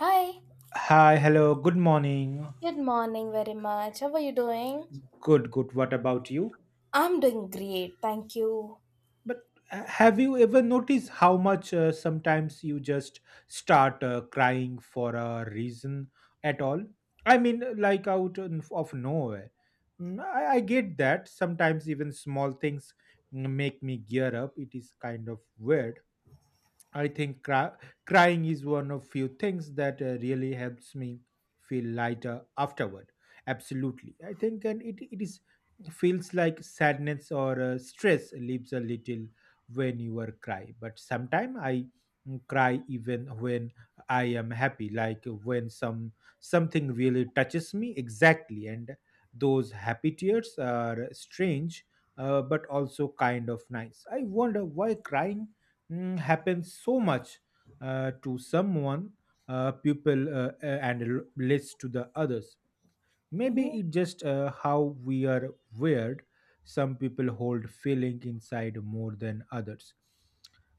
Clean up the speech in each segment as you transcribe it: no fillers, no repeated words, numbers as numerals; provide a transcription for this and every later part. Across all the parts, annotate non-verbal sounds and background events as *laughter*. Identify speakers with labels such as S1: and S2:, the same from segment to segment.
S1: Hi,
S2: Hi, hello, good morning.
S1: good morning very much. How are you doing?
S2: Good, good. What about you?
S1: I'm doing great, thank you.
S2: But have you ever noticed how much sometimes you just start crying for a reason at all? I mean, like out of nowhere. I get that. Sometimes even small things make me gear up. It is kind of weird. I think crying is one of few things that really helps me feel lighter afterward. Absolutely, I think, and it is feels like sadness or stress leaves a little when you are cry. But sometimes I cry even when I am happy, like when something really touches me exactly. And those happy tears are strange, but also kind of nice. I wonder why crying happens so much to someone people and leads to the others. Maybe it just how we are wired. Some people hold feeling inside more than others.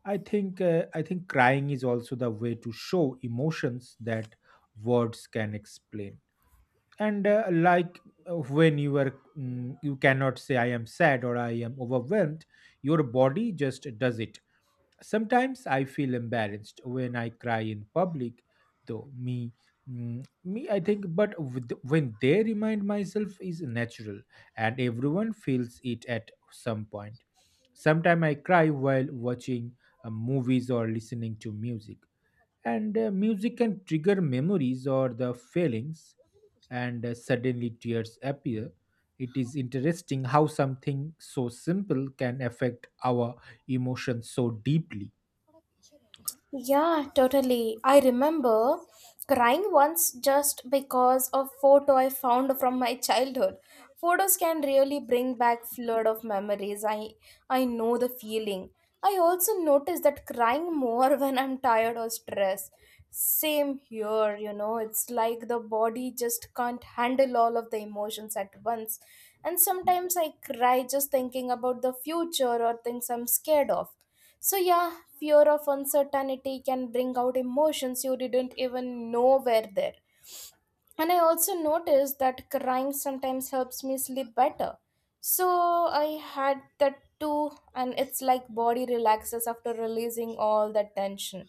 S2: I think crying is also the way to show emotions that words can explain. And like, when you are you cannot say I am sad or I am overwhelmed. Your body just does it. Sometimes I feel embarrassed when I cry in public, though me, I think. But when they remind myself is natural, and everyone feels it at some point. Sometimes I cry while watching movies or listening to music, and music can trigger memories or the feelings, and suddenly tears appear. It is interesting how something so simple can affect our emotions so deeply.
S1: Yeah, totally. I remember crying once just because of photo I found from my childhood. Photos can really bring back flood of memories. I know the feeling. I also notice that crying more *laughs* when I'm tired or stressed. Same here, you know, it's like the body just can't handle all of the emotions at once. And sometimes I cry just thinking about the future or things I'm scared of, so, yeah, fear of uncertainty can bring out emotions you didn't even know were there. And I also noticed that crying sometimes helps me sleep better. So, I had that too, and it's like body relaxes after releasing all that tension.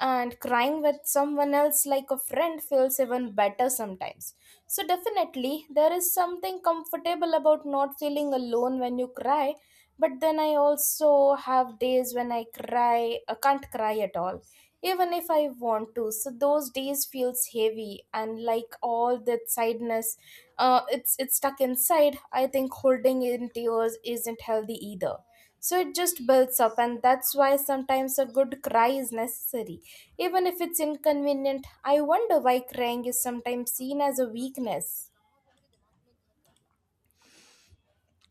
S1: And crying with someone else, like a friend, feels even better sometimes. So, definitely, there is something comfortable about not feeling alone when you cry, but then I also have days when I cry, I can't cry at all, even if I want to. So those days feels heavy and like all that sadness, it's stuck inside. I think holding in tears isn't healthy either. So it just builds up, and that's why sometimes a good cry is necessary. Even if it's inconvenient, I wonder why crying is sometimes seen as a weakness.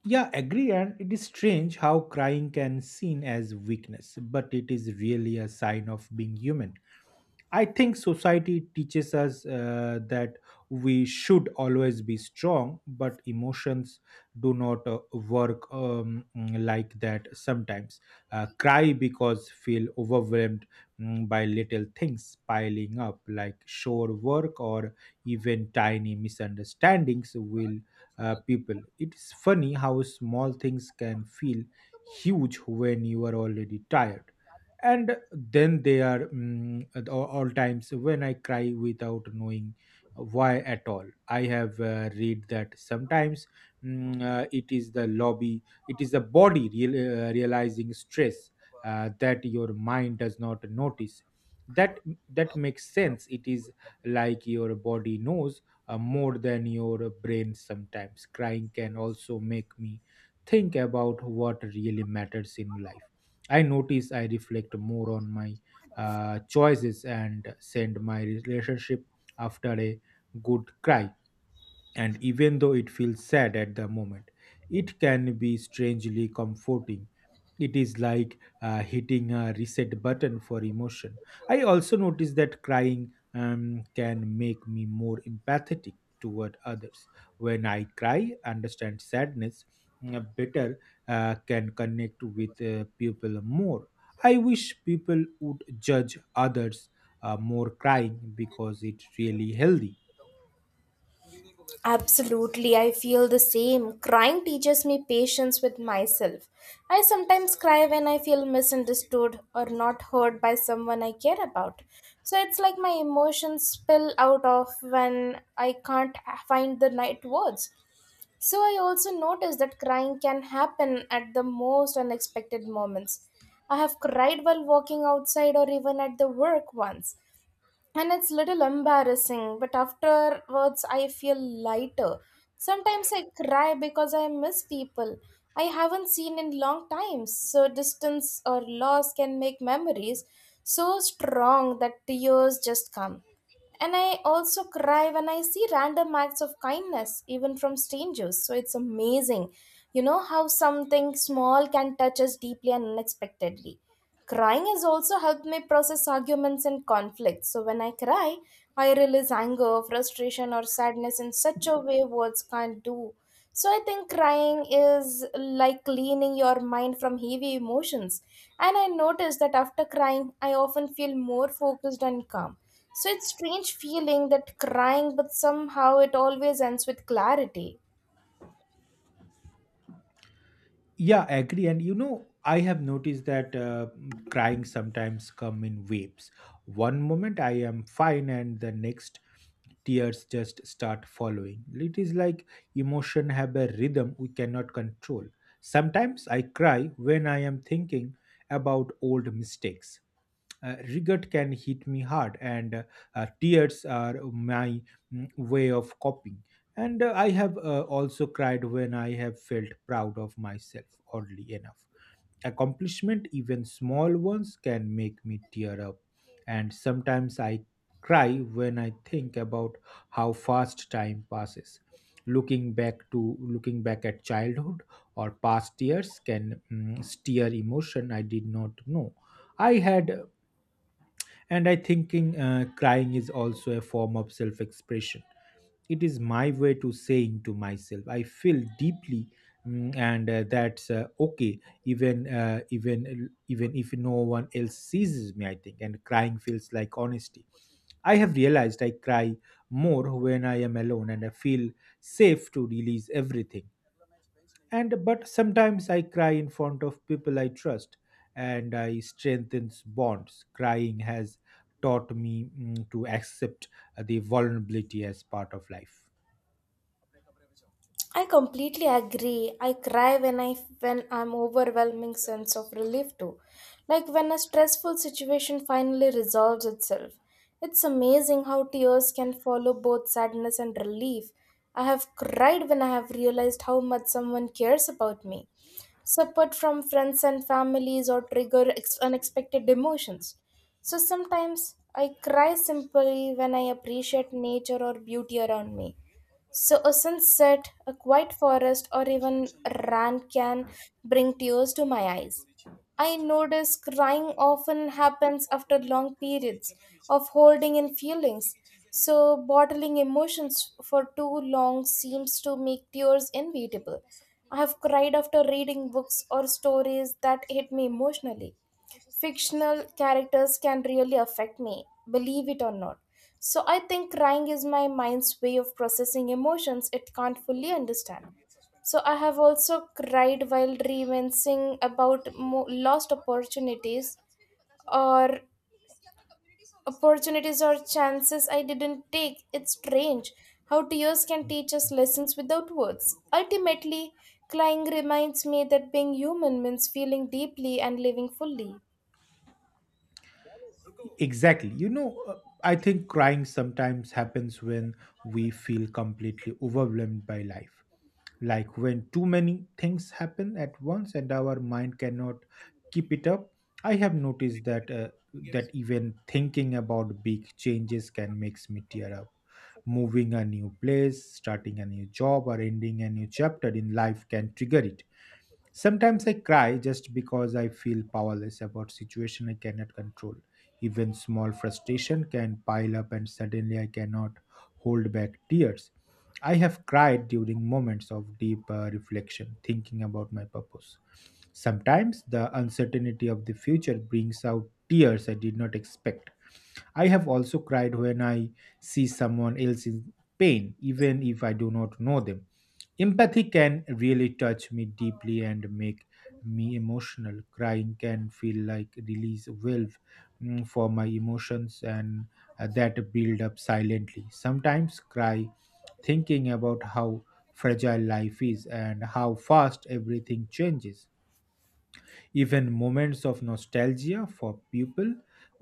S2: Yeah, agree. And it is strange how crying can seen as weakness, but it is really a sign of being human. I think society teaches us that we should always be strong, but emotions do not work like that sometimes. Cry because feel overwhelmed by little things piling up, like shore work or even tiny misunderstandings will people. It's funny how small things can feel huge when you are already tired, and then they are at all times when I cry without knowing why at all. I have read that sometimes it is the lobby it is the body realizing stress that your mind does not notice that. That makes sense. It is like your body knows more than your brain. Sometimes crying can also make me think about what really matters in life. I notice I reflect more on my choices and send my relationship after a good cry, and even though it feels sad at the moment, it can be strangely comforting. It is like hitting a reset button for emotion. I also notice that crying can make me more empathetic toward others. When I cry, understand sadness better, can connect with people more. I wish people would judge others more crying because it's really healthy.
S1: Absolutely, I feel the same. Crying teaches me patience with myself. I sometimes cry when I feel misunderstood or not heard by someone I care about. So it's like my emotions spill out of when I can't find the right words. So I also notice that crying can happen at the most unexpected moments. I have cried while walking outside or even at the work once, and it's little embarrassing, but afterwards I feel lighter. Sometimes I cry because I miss people I haven't seen in long time. So distance or loss can make memories so strong that tears just come. And I also cry when I see random acts of kindness, even from strangers. So it's amazing, you know, how something small can touch us deeply and unexpectedly. Crying has also helped me process arguments and conflicts. So when I cry, I release anger, frustration, or sadness in such a way words can't do. So I think crying is like cleaning your mind from heavy emotions. And I noticed that after crying, I often feel more focused and calm. So it's strange feeling that crying, but somehow it always ends with clarity.
S2: Yeah, I agree. And you know, I have noticed that crying sometimes come in waves. One moment I am fine, and the next tears just start following. It is like emotion have a rhythm we cannot control. Sometimes I cry when I am thinking about old mistakes. Regret can hit me hard, and tears are my way of coping. And I have also cried when I have felt proud of myself, oddly enough. Accomplishment, even small ones, can make me tear up. And sometimes I cry when I think about how fast time passes. Looking back at childhood or past years can stir emotion I did not know I had. And I thinking crying is also a form of self expression. It is my way to saying to myself, I feel deeply, and that's okay. Even if no one else sees me, I think. And crying feels like honesty. I have realized I cry more when I am alone, and I feel safe to release everything, and but sometimes I cry in front of people I trust, and I strengthens bonds. Crying has taught me to accept the vulnerability as part of life.
S1: I completely agree. I cry when I when I'm overwhelming sense of relief too. Like when a stressful situation finally resolves itself. It's amazing how tears can follow both sadness and relief. I have cried when I have realized how much someone cares about me. Support from friends and families or trigger unexpected emotions. So sometimes I cry simply when I appreciate nature or beauty around me. So, a sunset, a quiet forest, or even a run can bring tears to my eyes. I notice crying often happens after long periods of holding in feelings. So, bottling emotions for too long seems to make tears inevitable. I have cried after reading books or stories that hit me emotionally. Fictional characters can really affect me, believe it or not. So, I think crying is my mind's way of processing emotions it can't fully understand. So I have also cried while reminiscing about mo- lost opportunities or opportunities or chances I didn't take. It's strange how tears can teach us lessons without words. Ultimately, crying reminds me that being human means feeling deeply and living fully.
S2: Exactly, you know, I think crying sometimes happens when we feel completely overwhelmed by life, like when too many things happen at once and our mind cannot keep it up. I have noticed that even thinking about big changes can makes me tear up. Moving a new place, starting a new job, or ending a new chapter in life can trigger it. Sometimes I cry just because I feel powerless about situation I cannot control. Even small frustration can pile up and suddenly I cannot hold back tears. I have cried during moments of deep reflection, thinking about my purpose. Sometimes the uncertainty of the future brings out tears I did not expect. I have also cried when I see someone else in pain, even if I do not know them. Empathy can really touch me deeply and make me emotional. Crying can feel like release valve for my emotions and that build up silently. Sometimes cry thinking about how fragile life is and how fast everything changes, even moments of nostalgia for people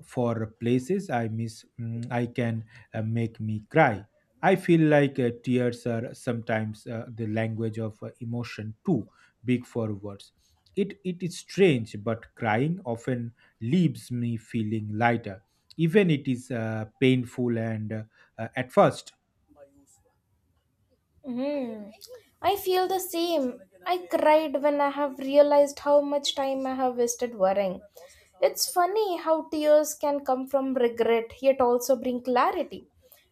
S2: for places I miss. I can make me cry. I feel like tears are sometimes the language of emotion too big for words. It is strange but crying often leaves me feeling lighter even it is painful and at first.
S1: Hmm. I feel the same. I cried when I have realized how much time I have wasted worrying. It's funny how tears can come from regret yet also bring clarity.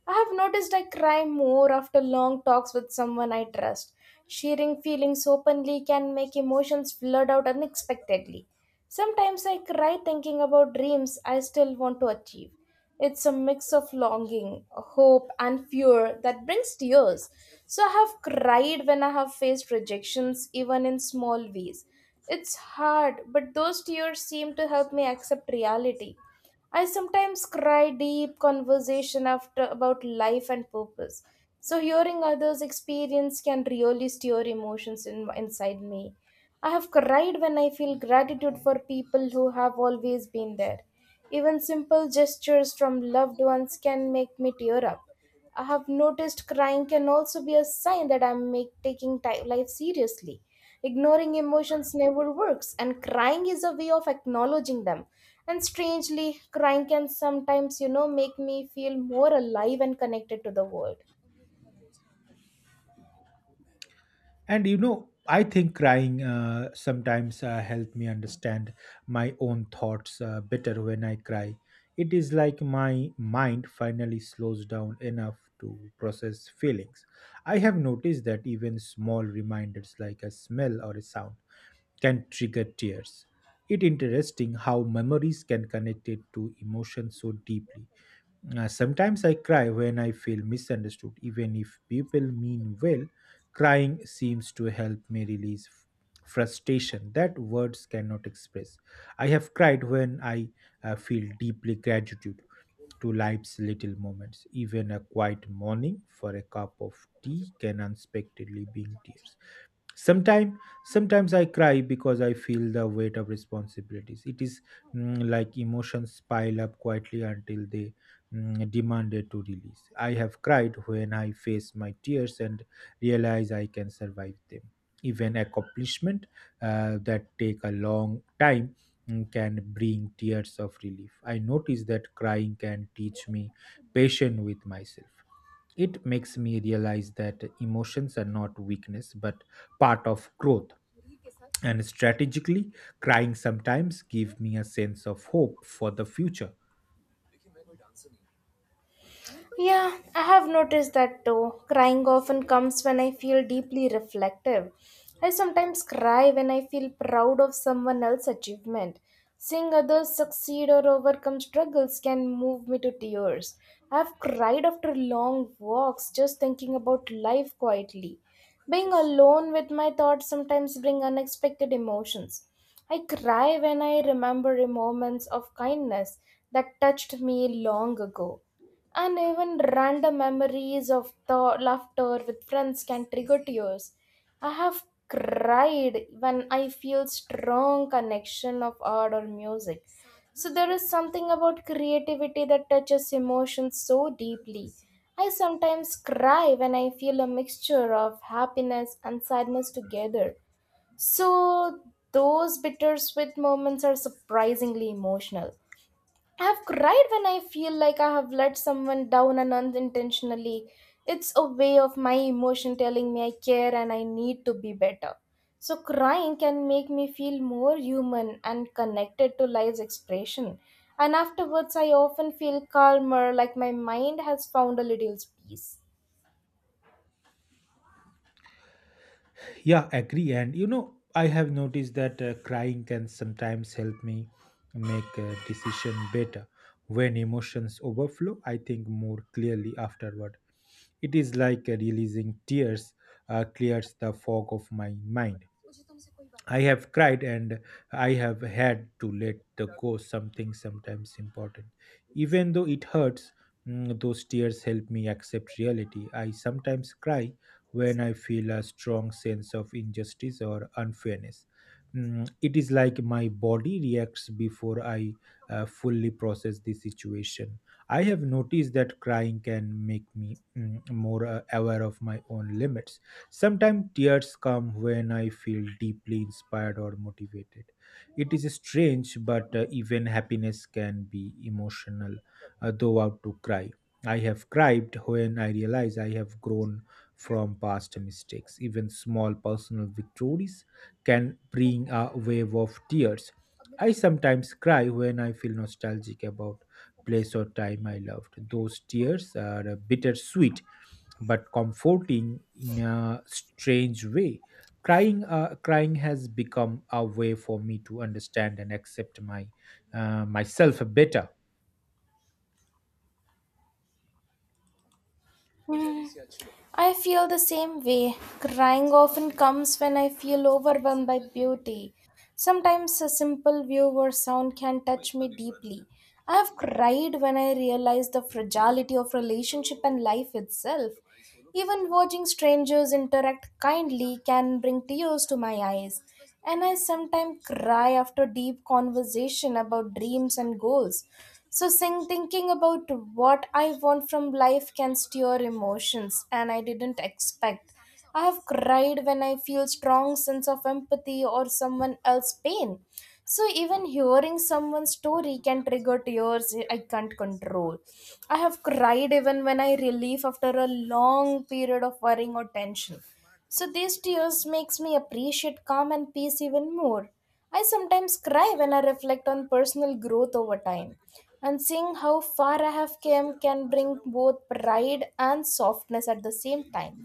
S1: I have noticed I cry more after long talks with someone I trust. Sharing feelings openly can make emotions flood out unexpectedly. Sometimes I cry thinking about dreams I still want to achieve. It's a mix of longing, hope, and fear that brings tears. So I have cried when I have faced rejections, even in small ways. It's hard, but those tears seem to help me accept reality. I sometimes cry deep conversation after about life and purpose. So hearing others' experience can really stir emotions inside me. I have cried when I feel gratitude for people who have always been there. Even simple gestures from loved ones can make me tear up. I have noticed crying can also be a sign that I'm taking life seriously. Ignoring emotions never works, and crying is a way of acknowledging them. And strangely, crying can sometimes, you know, make me feel more alive and connected to the world.
S2: And you know, I think crying sometimes help me understand my own thoughts better. When I cry, it is like my mind finally slows down enough to process feelings. I have noticed that even small reminders like a smell or a sound can trigger tears. It interesting how memories can connect it to emotion so deeply. Sometimes I cry when I feel misunderstood, even if people mean well. Crying seems to help me release frustration that words cannot express. I have cried when I feel deeply gratitude to life's little moments. Even a quiet morning for a cup of tea can unexpectedly bring tears. Sometimes, sometimes I cry because I feel the weight of responsibilities. It is like emotions pile up quietly until they demanded to release. I have cried when I face my tears and realize I can survive them. Even accomplishment that take a long time can bring tears of relief. I notice that crying can teach me patience with myself. It makes me realize that emotions are not weakness but part of growth. And strategically, crying sometimes give me a sense of hope for the future.
S1: Yeah, I have noticed that too. Crying often comes when I feel deeply reflective. I sometimes cry when I feel proud of someone else's achievement. Seeing others succeed or overcome struggles can move me to tears. I have cried after long walks just thinking about life quietly. Being alone with my thoughts sometimes bring unexpected emotions. I cry when I remember moments of kindness that touched me long ago. And even random memories of laughter with friends can trigger tears. I have cried when I feel strong connection of art or music. So there is something about creativity that touches emotions so deeply. I sometimes cry when I feel a mixture of happiness and sadness together. So those bittersweet moments are surprisingly emotional. I have cried when I feel like I have let someone down and unintentionally. It's a way of my emotion telling me I care and I need to be better. So, crying can make me feel more human and connected to life's expression. And afterwards, I often feel calmer, like my mind has found a little peace.
S2: Yeah, agree. And you know, I have noticed that crying can sometimes help me make a decision better. When emotions overflow, I think more clearly afterward. It is like releasing tears clears the fog of my mind. I have cried and I have had to let the go something sometimes important. Even though it hurts, those tears help me accept reality. I sometimes cry when I feel a strong sense of injustice or unfairness. It is like my body reacts before I fully process the situation. I have noticed that crying can make me more aware of my own limits. Sometimes tears come when I feel deeply inspired or motivated. It is strange, but even happiness can be emotional, though out to cry. I have cried when I realize I have grown from past mistakes. Even small personal victories can bring a wave of tears. I sometimes cry when I feel nostalgic about place or time I loved. Those tears are bittersweet but comforting in a strange way. Crying has become a way for me to understand and accept my myself better.
S1: I feel the same way. Crying often comes when I feel overwhelmed by beauty. Sometimes a simple view or sound can touch me deeply. I have cried when I realized the fragility of relationship and life itself. Even watching strangers interact kindly can bring tears to my eyes. And I sometimes cry after deep conversation about dreams and goals. So thinking about what I want from life can stir emotions and I didn't expect. I have cried when I feel strong sense of empathy or someone else's pain. So even hearing someone's story can trigger tears I can't control. I have cried even when I relief after a long period of worrying or tension. So these tears makes me appreciate calm and peace even more. I sometimes cry when I reflect on personal growth over time, and seeing how far I have come can bring both pride and softness at the same time.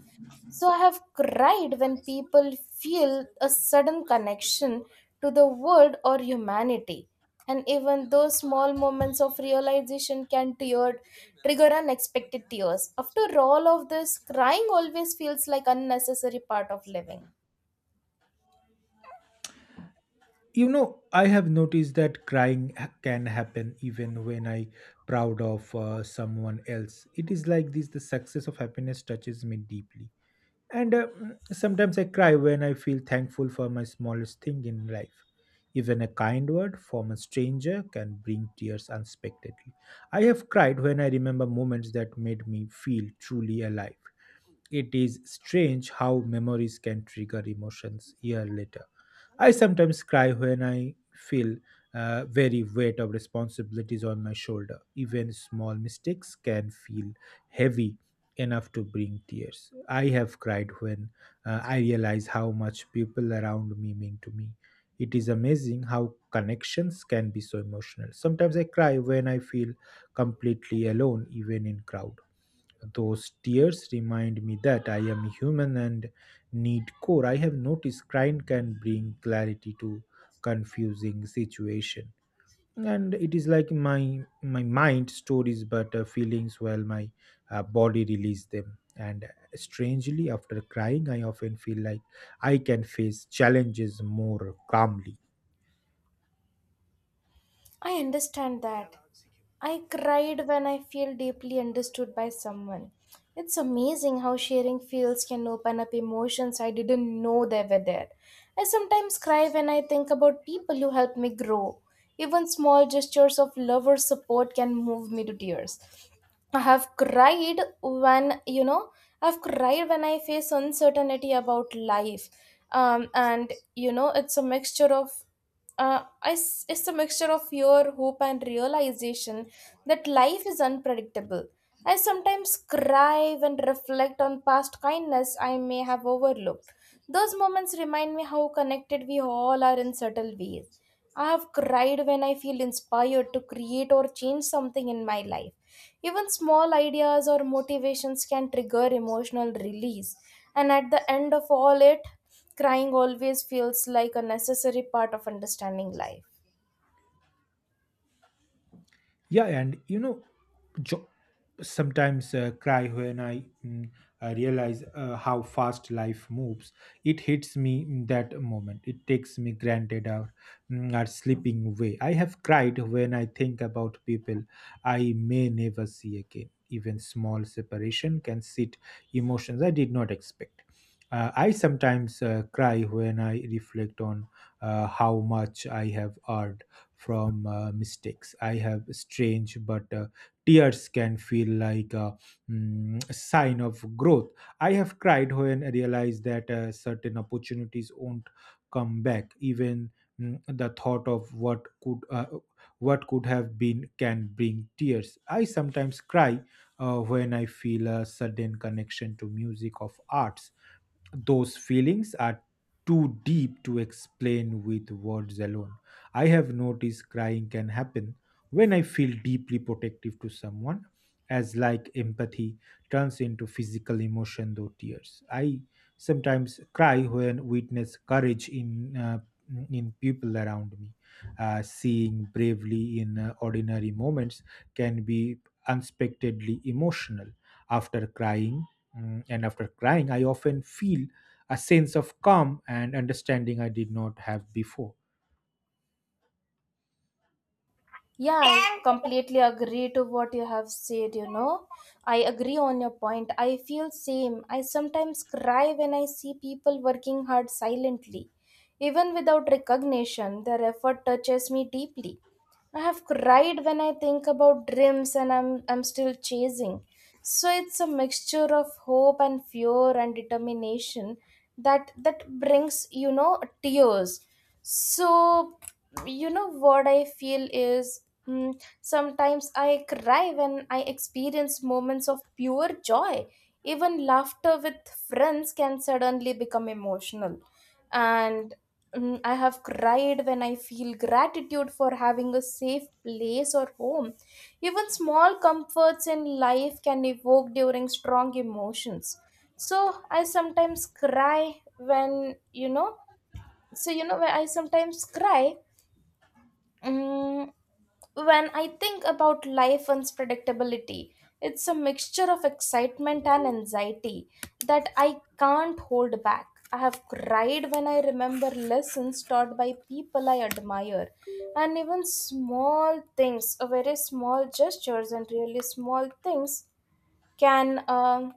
S1: So I have cried when people feel a sudden connection to the world or humanity. And even those small moments of realization can trigger unexpected tears. After all of this, crying always feels like unnecessary part of living.
S2: You know, I have noticed that crying can happen even when I proud of someone else. It is like this: the success of happiness touches me deeply. And sometimes I cry when I feel thankful for my smallest thing in life. Even a kind word from a stranger can bring tears unexpectedly. I have cried when I remember moments that made me feel truly alive. It is strange how memories can trigger emotions year later. I sometimes cry when I feel very weight of responsibilities on my shoulder. Even small mistakes can feel heavy enough to bring tears. I have cried when I realize how much people around me mean to me. It is amazing how connections can be so emotional. Sometimes I cry when I feel completely alone, even in crowd. Those tears remind me that I am human and need core. I have noticed crying can bring clarity to confusing situation, and it is like my mind stories but feelings while my body release them and Strangely, after crying, I often feel like I can face challenges more calmly.
S1: I understand that. I cried when I feel deeply understood by someone. It's amazing how sharing feels can open up emotions I didn't know they were there. I sometimes cry when I think about people who helped me grow. Even small gestures of love or support can move me to tears. I have cried when you know I've cried when I face uncertainty about life, and you know it's a mixture of uh, it's a mixture of fear, hope, and realization that life is unpredictable. I sometimes cry and reflect on past kindness I may have overlooked. Those moments remind me how connected we all are in subtle ways. I have cried when I feel inspired to create or change something in my life. Even small ideas or motivations can trigger emotional release. And at the end of all it, crying always feels like a necessary part of understanding life.
S2: Yeah, and you know, jo- sometimes cry when I, I realize how fast life moves. It hits me in that moment. It takes me granted our, our slipping away. I have cried when I think about people I may never see again. Even small separation can sit emotions I did not expect. I sometimes cry when I reflect on how much I have earned from mistakes. I have strange, but tears can feel like a sign of growth. I have cried when I realized that certain opportunities won't come back. Even the thought of what could what could have been can bring tears. I sometimes cry when I feel a sudden connection to music of arts. Those feelings are too deep to explain with words alone. I have noticed crying can happen when I feel deeply protective to someone, as like empathy turns into physical emotion though tears. I sometimes cry when witness courage in people around me. Seeing bravely in ordinary moments can be unexpectedly emotional. After crying, after crying, I often feel a sense of calm and understanding I did not have before.
S1: Yeah, I completely agree to what you have said, you know. I agree on your point. I feel same. I sometimes cry when I see people working hard silently. Even without recognition, their effort touches me deeply. I have cried when I think about dreams and I'm still chasing. So it's a mixture of hope and fear and determination that brings, you know, tears. So you know what I feel is, sometimes I cry when I experience moments of pure joy. Even laughter with friends can suddenly become emotional. And I have cried when I feel gratitude for having a safe place or home. Even small comforts in life can evoke during strong emotions. So I sometimes cry when, you know, so you know, when I sometimes cry, Mm, when I think about life unpredictability, it's a mixture of excitement and anxiety that I can't hold back. I have cried when I remember lessons taught by people I admire, and even small things, very small gestures, and really small things can,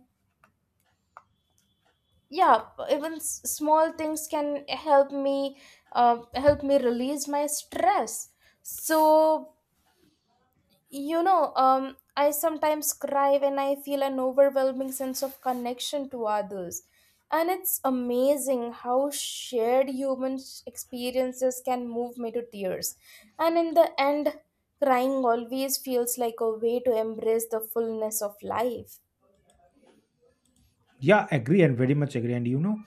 S1: yeah, even small things can help me release my stress. So, I sometimes cry when I feel an overwhelming sense of connection to others, and it's amazing how shared human experiences can move me to tears. And in the end, crying always feels like a way to embrace the fullness of life.
S2: Yeah, agree and very much agree. And you know,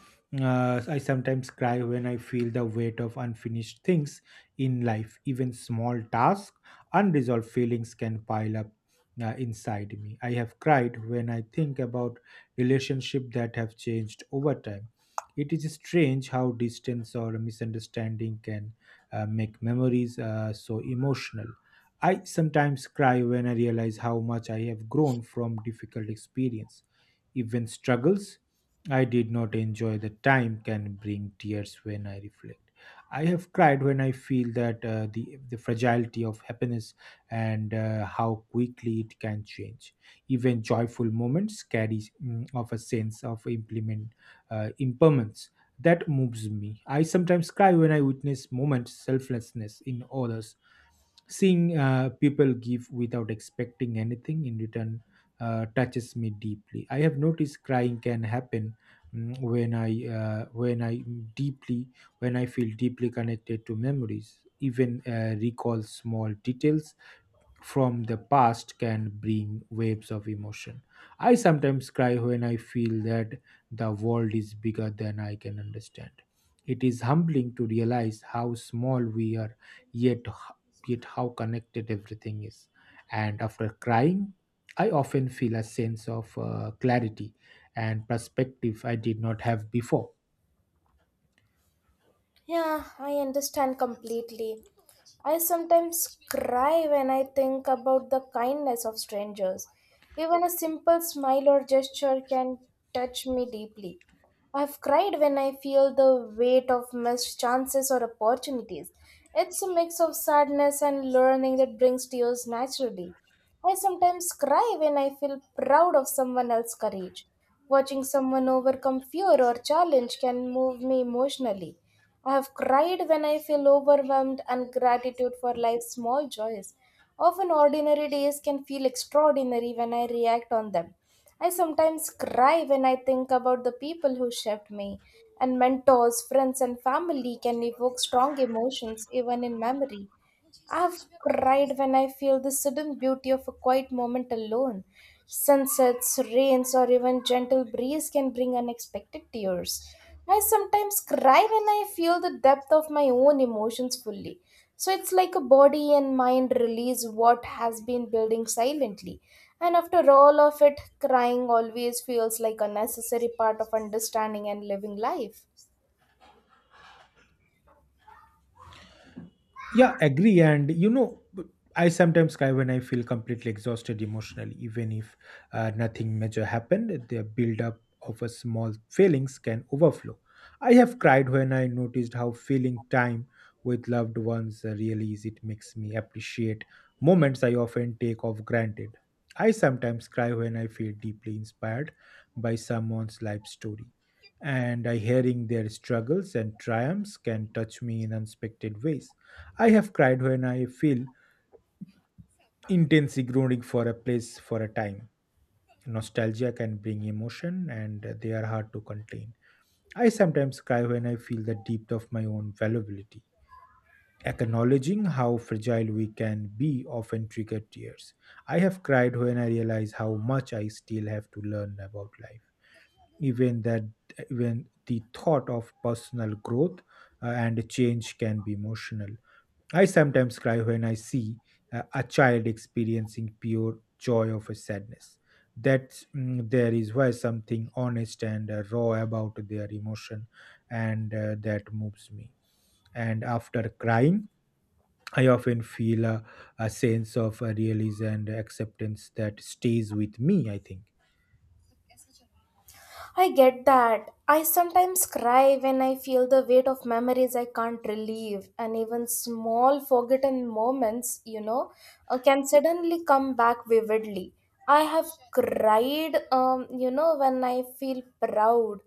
S2: I sometimes cry when I feel the weight of unfinished things in life. Even small tasks, unresolved feelings can pile up inside me. I have cried when I think about relationships that have changed over time. It is strange how distance or misunderstanding can make memories so emotional. I sometimes cry when I realize how much I have grown from difficult experience, even struggles. I did not enjoy the time can bring tears when I reflect. I have cried when I feel that the fragility of happiness and how quickly it can change. Even joyful moments carry of a sense of implement impermanence that moves me. I sometimes cry when I witness moments selflessness in others, seeing people give without expecting anything in return touches me deeply. I have noticed crying can happen mm, when I uh, when I deeply when I feel deeply connected to memories. Even recall small details from the past can bring waves of emotion. I sometimes cry when I feel that the world is bigger than I can understand. It is humbling to realize how small we are, yet, yet how connected everything is. And after crying, I often feel a sense of clarity and perspective I did not have before.
S1: Yeah, I understand completely. I sometimes cry when I think about the kindness of strangers. Even a simple smile or gesture can touch me deeply. I've cried when I feel the weight of missed chances or opportunities. It's a mix of sadness and learning that brings tears naturally. I sometimes cry when I feel proud of someone else's courage. Watching someone overcome fear or challenge can move me emotionally. I have cried when I feel overwhelmed and gratitude for life's small joys. Often ordinary days can feel extraordinary when I react on them. I sometimes cry when I think about the people who shaped me, and mentors, friends, and family can evoke strong emotions even in memory. I have cried when I feel the sudden beauty of a quiet moment alone. Sunsets, rains, or even gentle breeze can bring unexpected tears. I sometimes cry when I feel the depth of my own emotions fully. So it's like a body and mind release what has been building silently. And after all of it, crying always feels like a necessary part of understanding and living life.
S2: Yeah, agree. And you know, I sometimes cry when I feel completely exhausted emotionally, even if nothing major happened. The buildup of a small feelings can overflow. I have cried when I noticed how feeling time with loved ones really is. It makes me appreciate moments I often take of granted. I sometimes cry when I feel deeply inspired by someone's life story, and I hearing their struggles and triumphs can touch me in unexpected ways. I have cried when I feel intense groaning for a place for a time. Nostalgia can bring emotion and they are hard to contain. I sometimes cry when I feel the depth of my own vulnerability. Acknowledging how fragile we can be often triggers tears. I have cried when I realize how much I still have to learn about life. Even that even the thought of personal growth and change can be emotional. I sometimes cry when I see a child experiencing pure joy of a sadness. That there is why something honest and raw about their emotion, and that moves me. And after crying, I often feel a sense of release and acceptance that stays with me, I think.
S1: I get that. I sometimes cry when I feel the weight of memories I can't relieve, and even small forgotten moments, can suddenly come back vividly. I have cried, when I feel proud,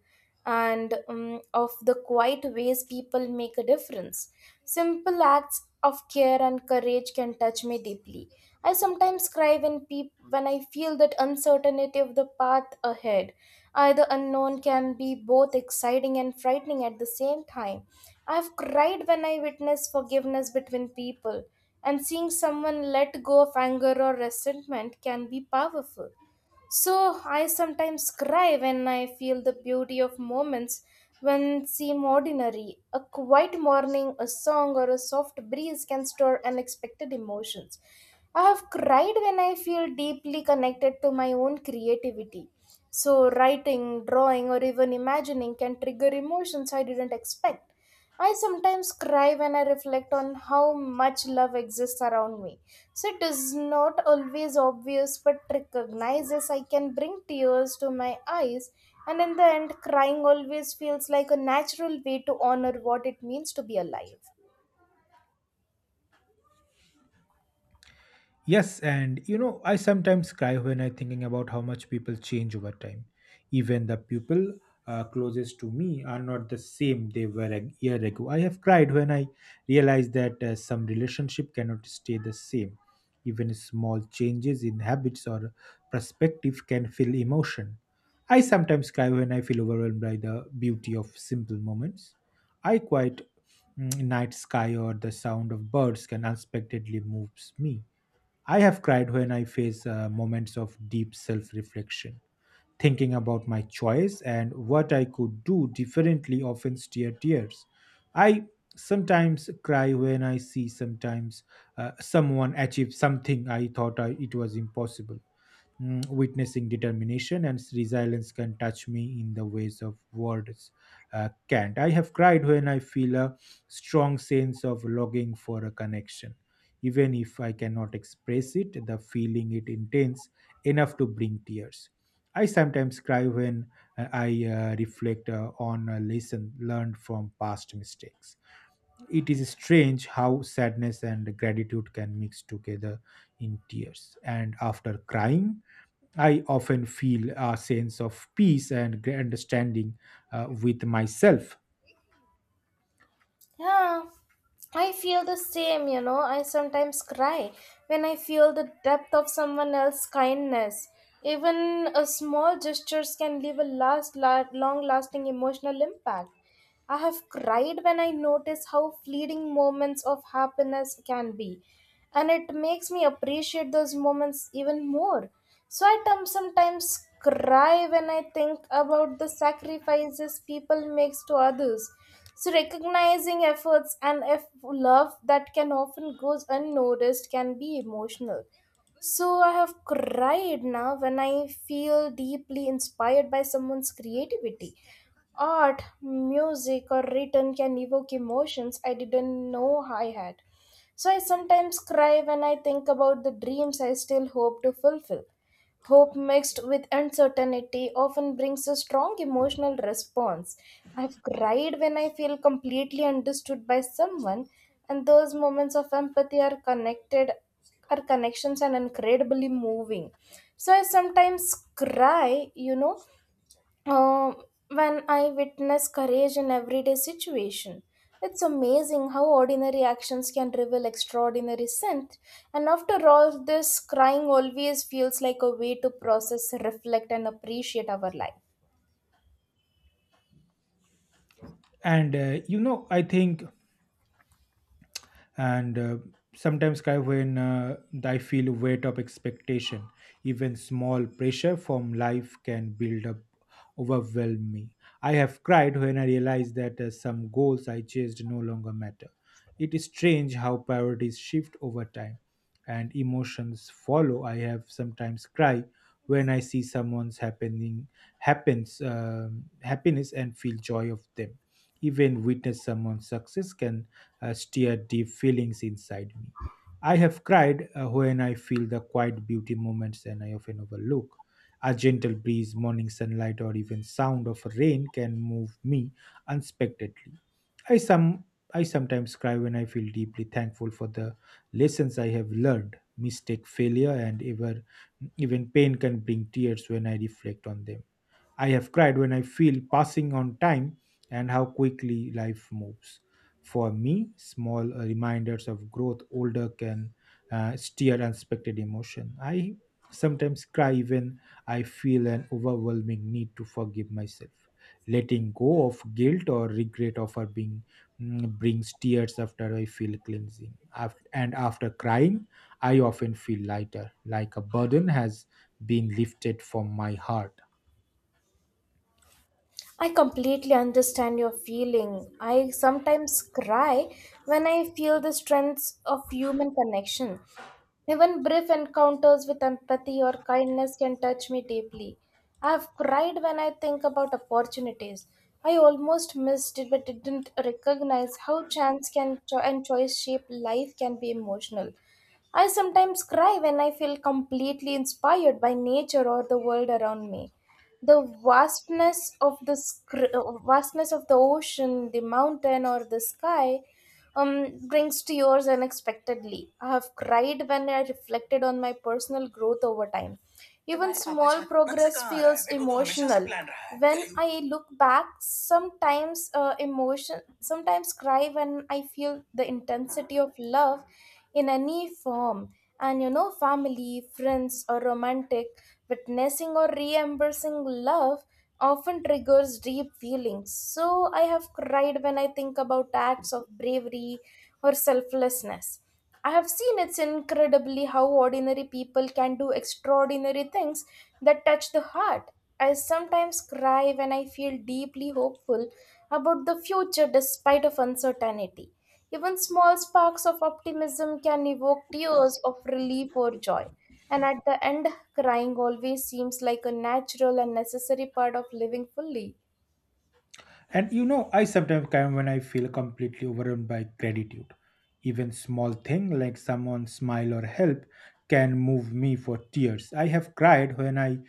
S1: and of the quiet ways people make a difference. Simple acts of care and courage can touch me deeply. I sometimes cry when I feel that uncertainty of the path ahead. Either unknown can be both exciting and frightening at the same time. I have cried when I witnessed forgiveness between people, and seeing someone let go of anger or resentment can be powerful. So I sometimes cry when I feel the beauty of moments when seem ordinary. A quiet morning, a song, or a soft breeze can stir unexpected emotions. I have cried when I feel deeply connected to my own creativity. So, writing, drawing, or even imagining can trigger emotions I didn't expect. I sometimes cry when I reflect on how much love exists around me. So it is not always obvious, but recognizes I can bring tears to my eyes. And in the end, crying always feels like a natural way to honor what it means to be alive.
S2: Yes, and you know, I sometimes cry when I thinking about how much people change over time. Even the people closest to me are not the same they were a year ago. I have cried when I realized that some relationship cannot stay the same. Even small changes in habits or perspective can feel emotion. I sometimes cry when I feel overwhelmed by the beauty of simple moments. I quite night sky or the sound of birds can unexpectedly moves me. I have cried when I face moments of deep self reflection, thinking about my choice and what I could do differently, often steer tears. I sometimes cry when I see sometimes someone achieve something I thought I, it was impossible. Witnessing determination and resilience can touch me in the ways of words can't. I have cried when I feel a strong sense of longing for a connection. Even if I cannot express it, the feeling it intense enough to bring tears. I sometimes cry when I reflect on a lesson learned from past mistakes. It is strange how sadness and gratitude can mix together in tears. And after crying, I often feel a sense of peace and understanding with myself.
S1: Yeah, I feel the same, you know. I sometimes cry when I feel the depth of someone else's kindness. Even a small gestures can leave a long-lasting emotional impact. I have cried when I notice how fleeting moments of happiness can be, and it makes me appreciate those moments even more. So I sometimes cry when I think about the sacrifices people makes to others, so recognizing efforts and if love that can often goes unnoticed can be emotional. So I have cried now when I feel deeply inspired by someone's creativity. Art, music, or written can evoke emotions I didn't know I had. So I sometimes cry when I think about the dreams I still hope to fulfill. Hope mixed with uncertainty often brings a strong emotional response. I've cried when I feel completely understood by someone, and those moments of empathy are connections and incredibly moving. So I sometimes cry, um, when I witness courage in everyday situation. It's amazing how ordinary actions can reveal extraordinary strength. And after all, this crying always feels like a way to process, reflect, and appreciate our life.
S2: And you know, I think and sometimes kind when I feel weight of expectation. Even small pressure from life can build up overwhelm me. I have cried when I realized that some goals I chased no longer matter. It is strange how priorities shift over time and emotions follow. I have sometimes cry when I see someone's happening happens happiness and feel joy of them. Even witness someone's success can stir deep feelings inside me. I have cried when I feel the quiet beauty moments and I often overlook. A gentle breeze, morning sunlight, or even sound of rain can move me unexpectedly. I some I sometimes cry when I feel deeply thankful for the lessons I have learned. Mistake, failure, and ever even pain can bring tears when I reflect on them. I have cried when I feel passing on time and how quickly life moves. For me, small reminders of growth older can steer unexpected emotion. I sometimes cry when I feel an overwhelming need to forgive myself. Letting go of guilt or regret of her being brings tears after I feel cleansing. After And after crying, I often feel lighter, like a burden has been lifted from my heart.
S1: I completely understand your feeling. I sometimes cry when I feel the strength of human connection. Even brief encounters with empathy or kindness can touch me deeply. I have cried when I think about opportunities I almost missed it but didn't recognize how chance and choice shape life can be emotional. I sometimes cry when I feel completely inspired by nature or the world around me. The vastness of the ocean, the mountain, or the sky brings tears unexpectedly. I have cried when I reflected on my personal growth over time. Even small progress feels emotional. When I look back, sometimes cry when I feel the intensity of love in any form. And you know, family, friends, or romantic, witnessing or re-embracing love often triggers deep feelings. So I have cried when I think about acts of bravery or selflessness. I have seen it's incredibly how ordinary people can do extraordinary things that touch the heart. I sometimes cry when I feel deeply hopeful about the future despite of uncertainty. Even small sparks of optimism can evoke tears of relief or joy. And at the end, crying always seems like a natural and necessary part of living fully.
S2: And you know, I sometimes come when I feel completely overwhelmed by gratitude. Even small thing like someone's smile or help can move me for tears. I have cried when I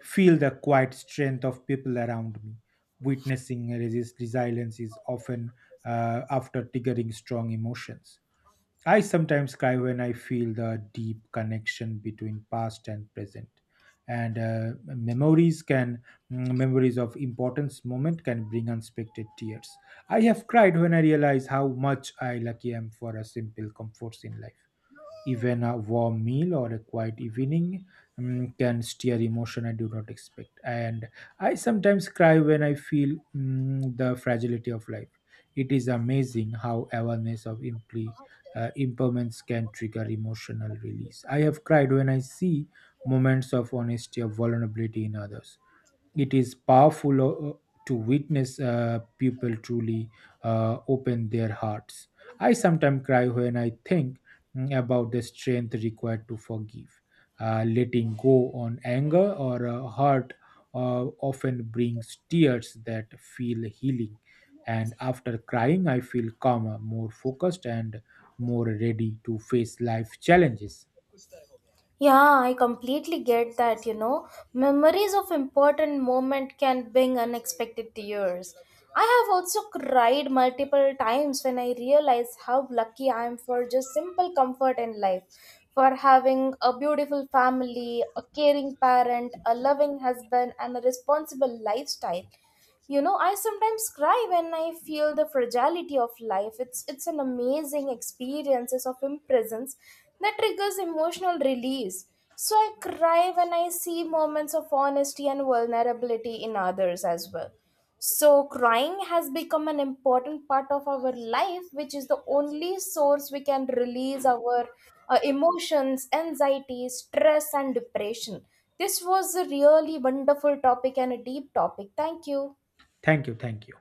S2: feel the quiet strength of people around me. Witnessing resist resilience is often after triggering strong emotions. I sometimes cry when I feel the deep connection between past and present. And memories of importance moment can bring unexpected tears. I have cried when I realize how much I lucky am for a simple comforts in life. Even a warm meal or a quiet evening can stir emotion I do not expect. And I sometimes cry when I feel the fragility of life. It is amazing how awareness of impairments can trigger emotional release. I have cried when I see moments of honesty or vulnerability in others. It is powerful to witness people truly open their hearts. I sometimes cry when I think about the strength required to forgive. Letting go on anger or hurt often brings tears that feel healing. And after crying, I feel calmer, more focused, and more ready to face life challenges.
S1: Yeah, I completely get that, you know. Memories of important moment can bring unexpected tears. I have also cried multiple times when I realized how lucky I am for just simple comfort in life, for having a beautiful family, a caring parent, a loving husband and a responsible lifestyle. You know, I sometimes cry when I feel the fragility of life. It's an amazing experiences of imprisons that triggers emotional release. So I cry when I see moments of honesty and vulnerability in others as well. So crying has become an important part of our life, which is the only source we can release our emotions, anxiety, stress and depression. This was a really wonderful topic and a deep topic. Thank you.
S2: Thank you. Thank you.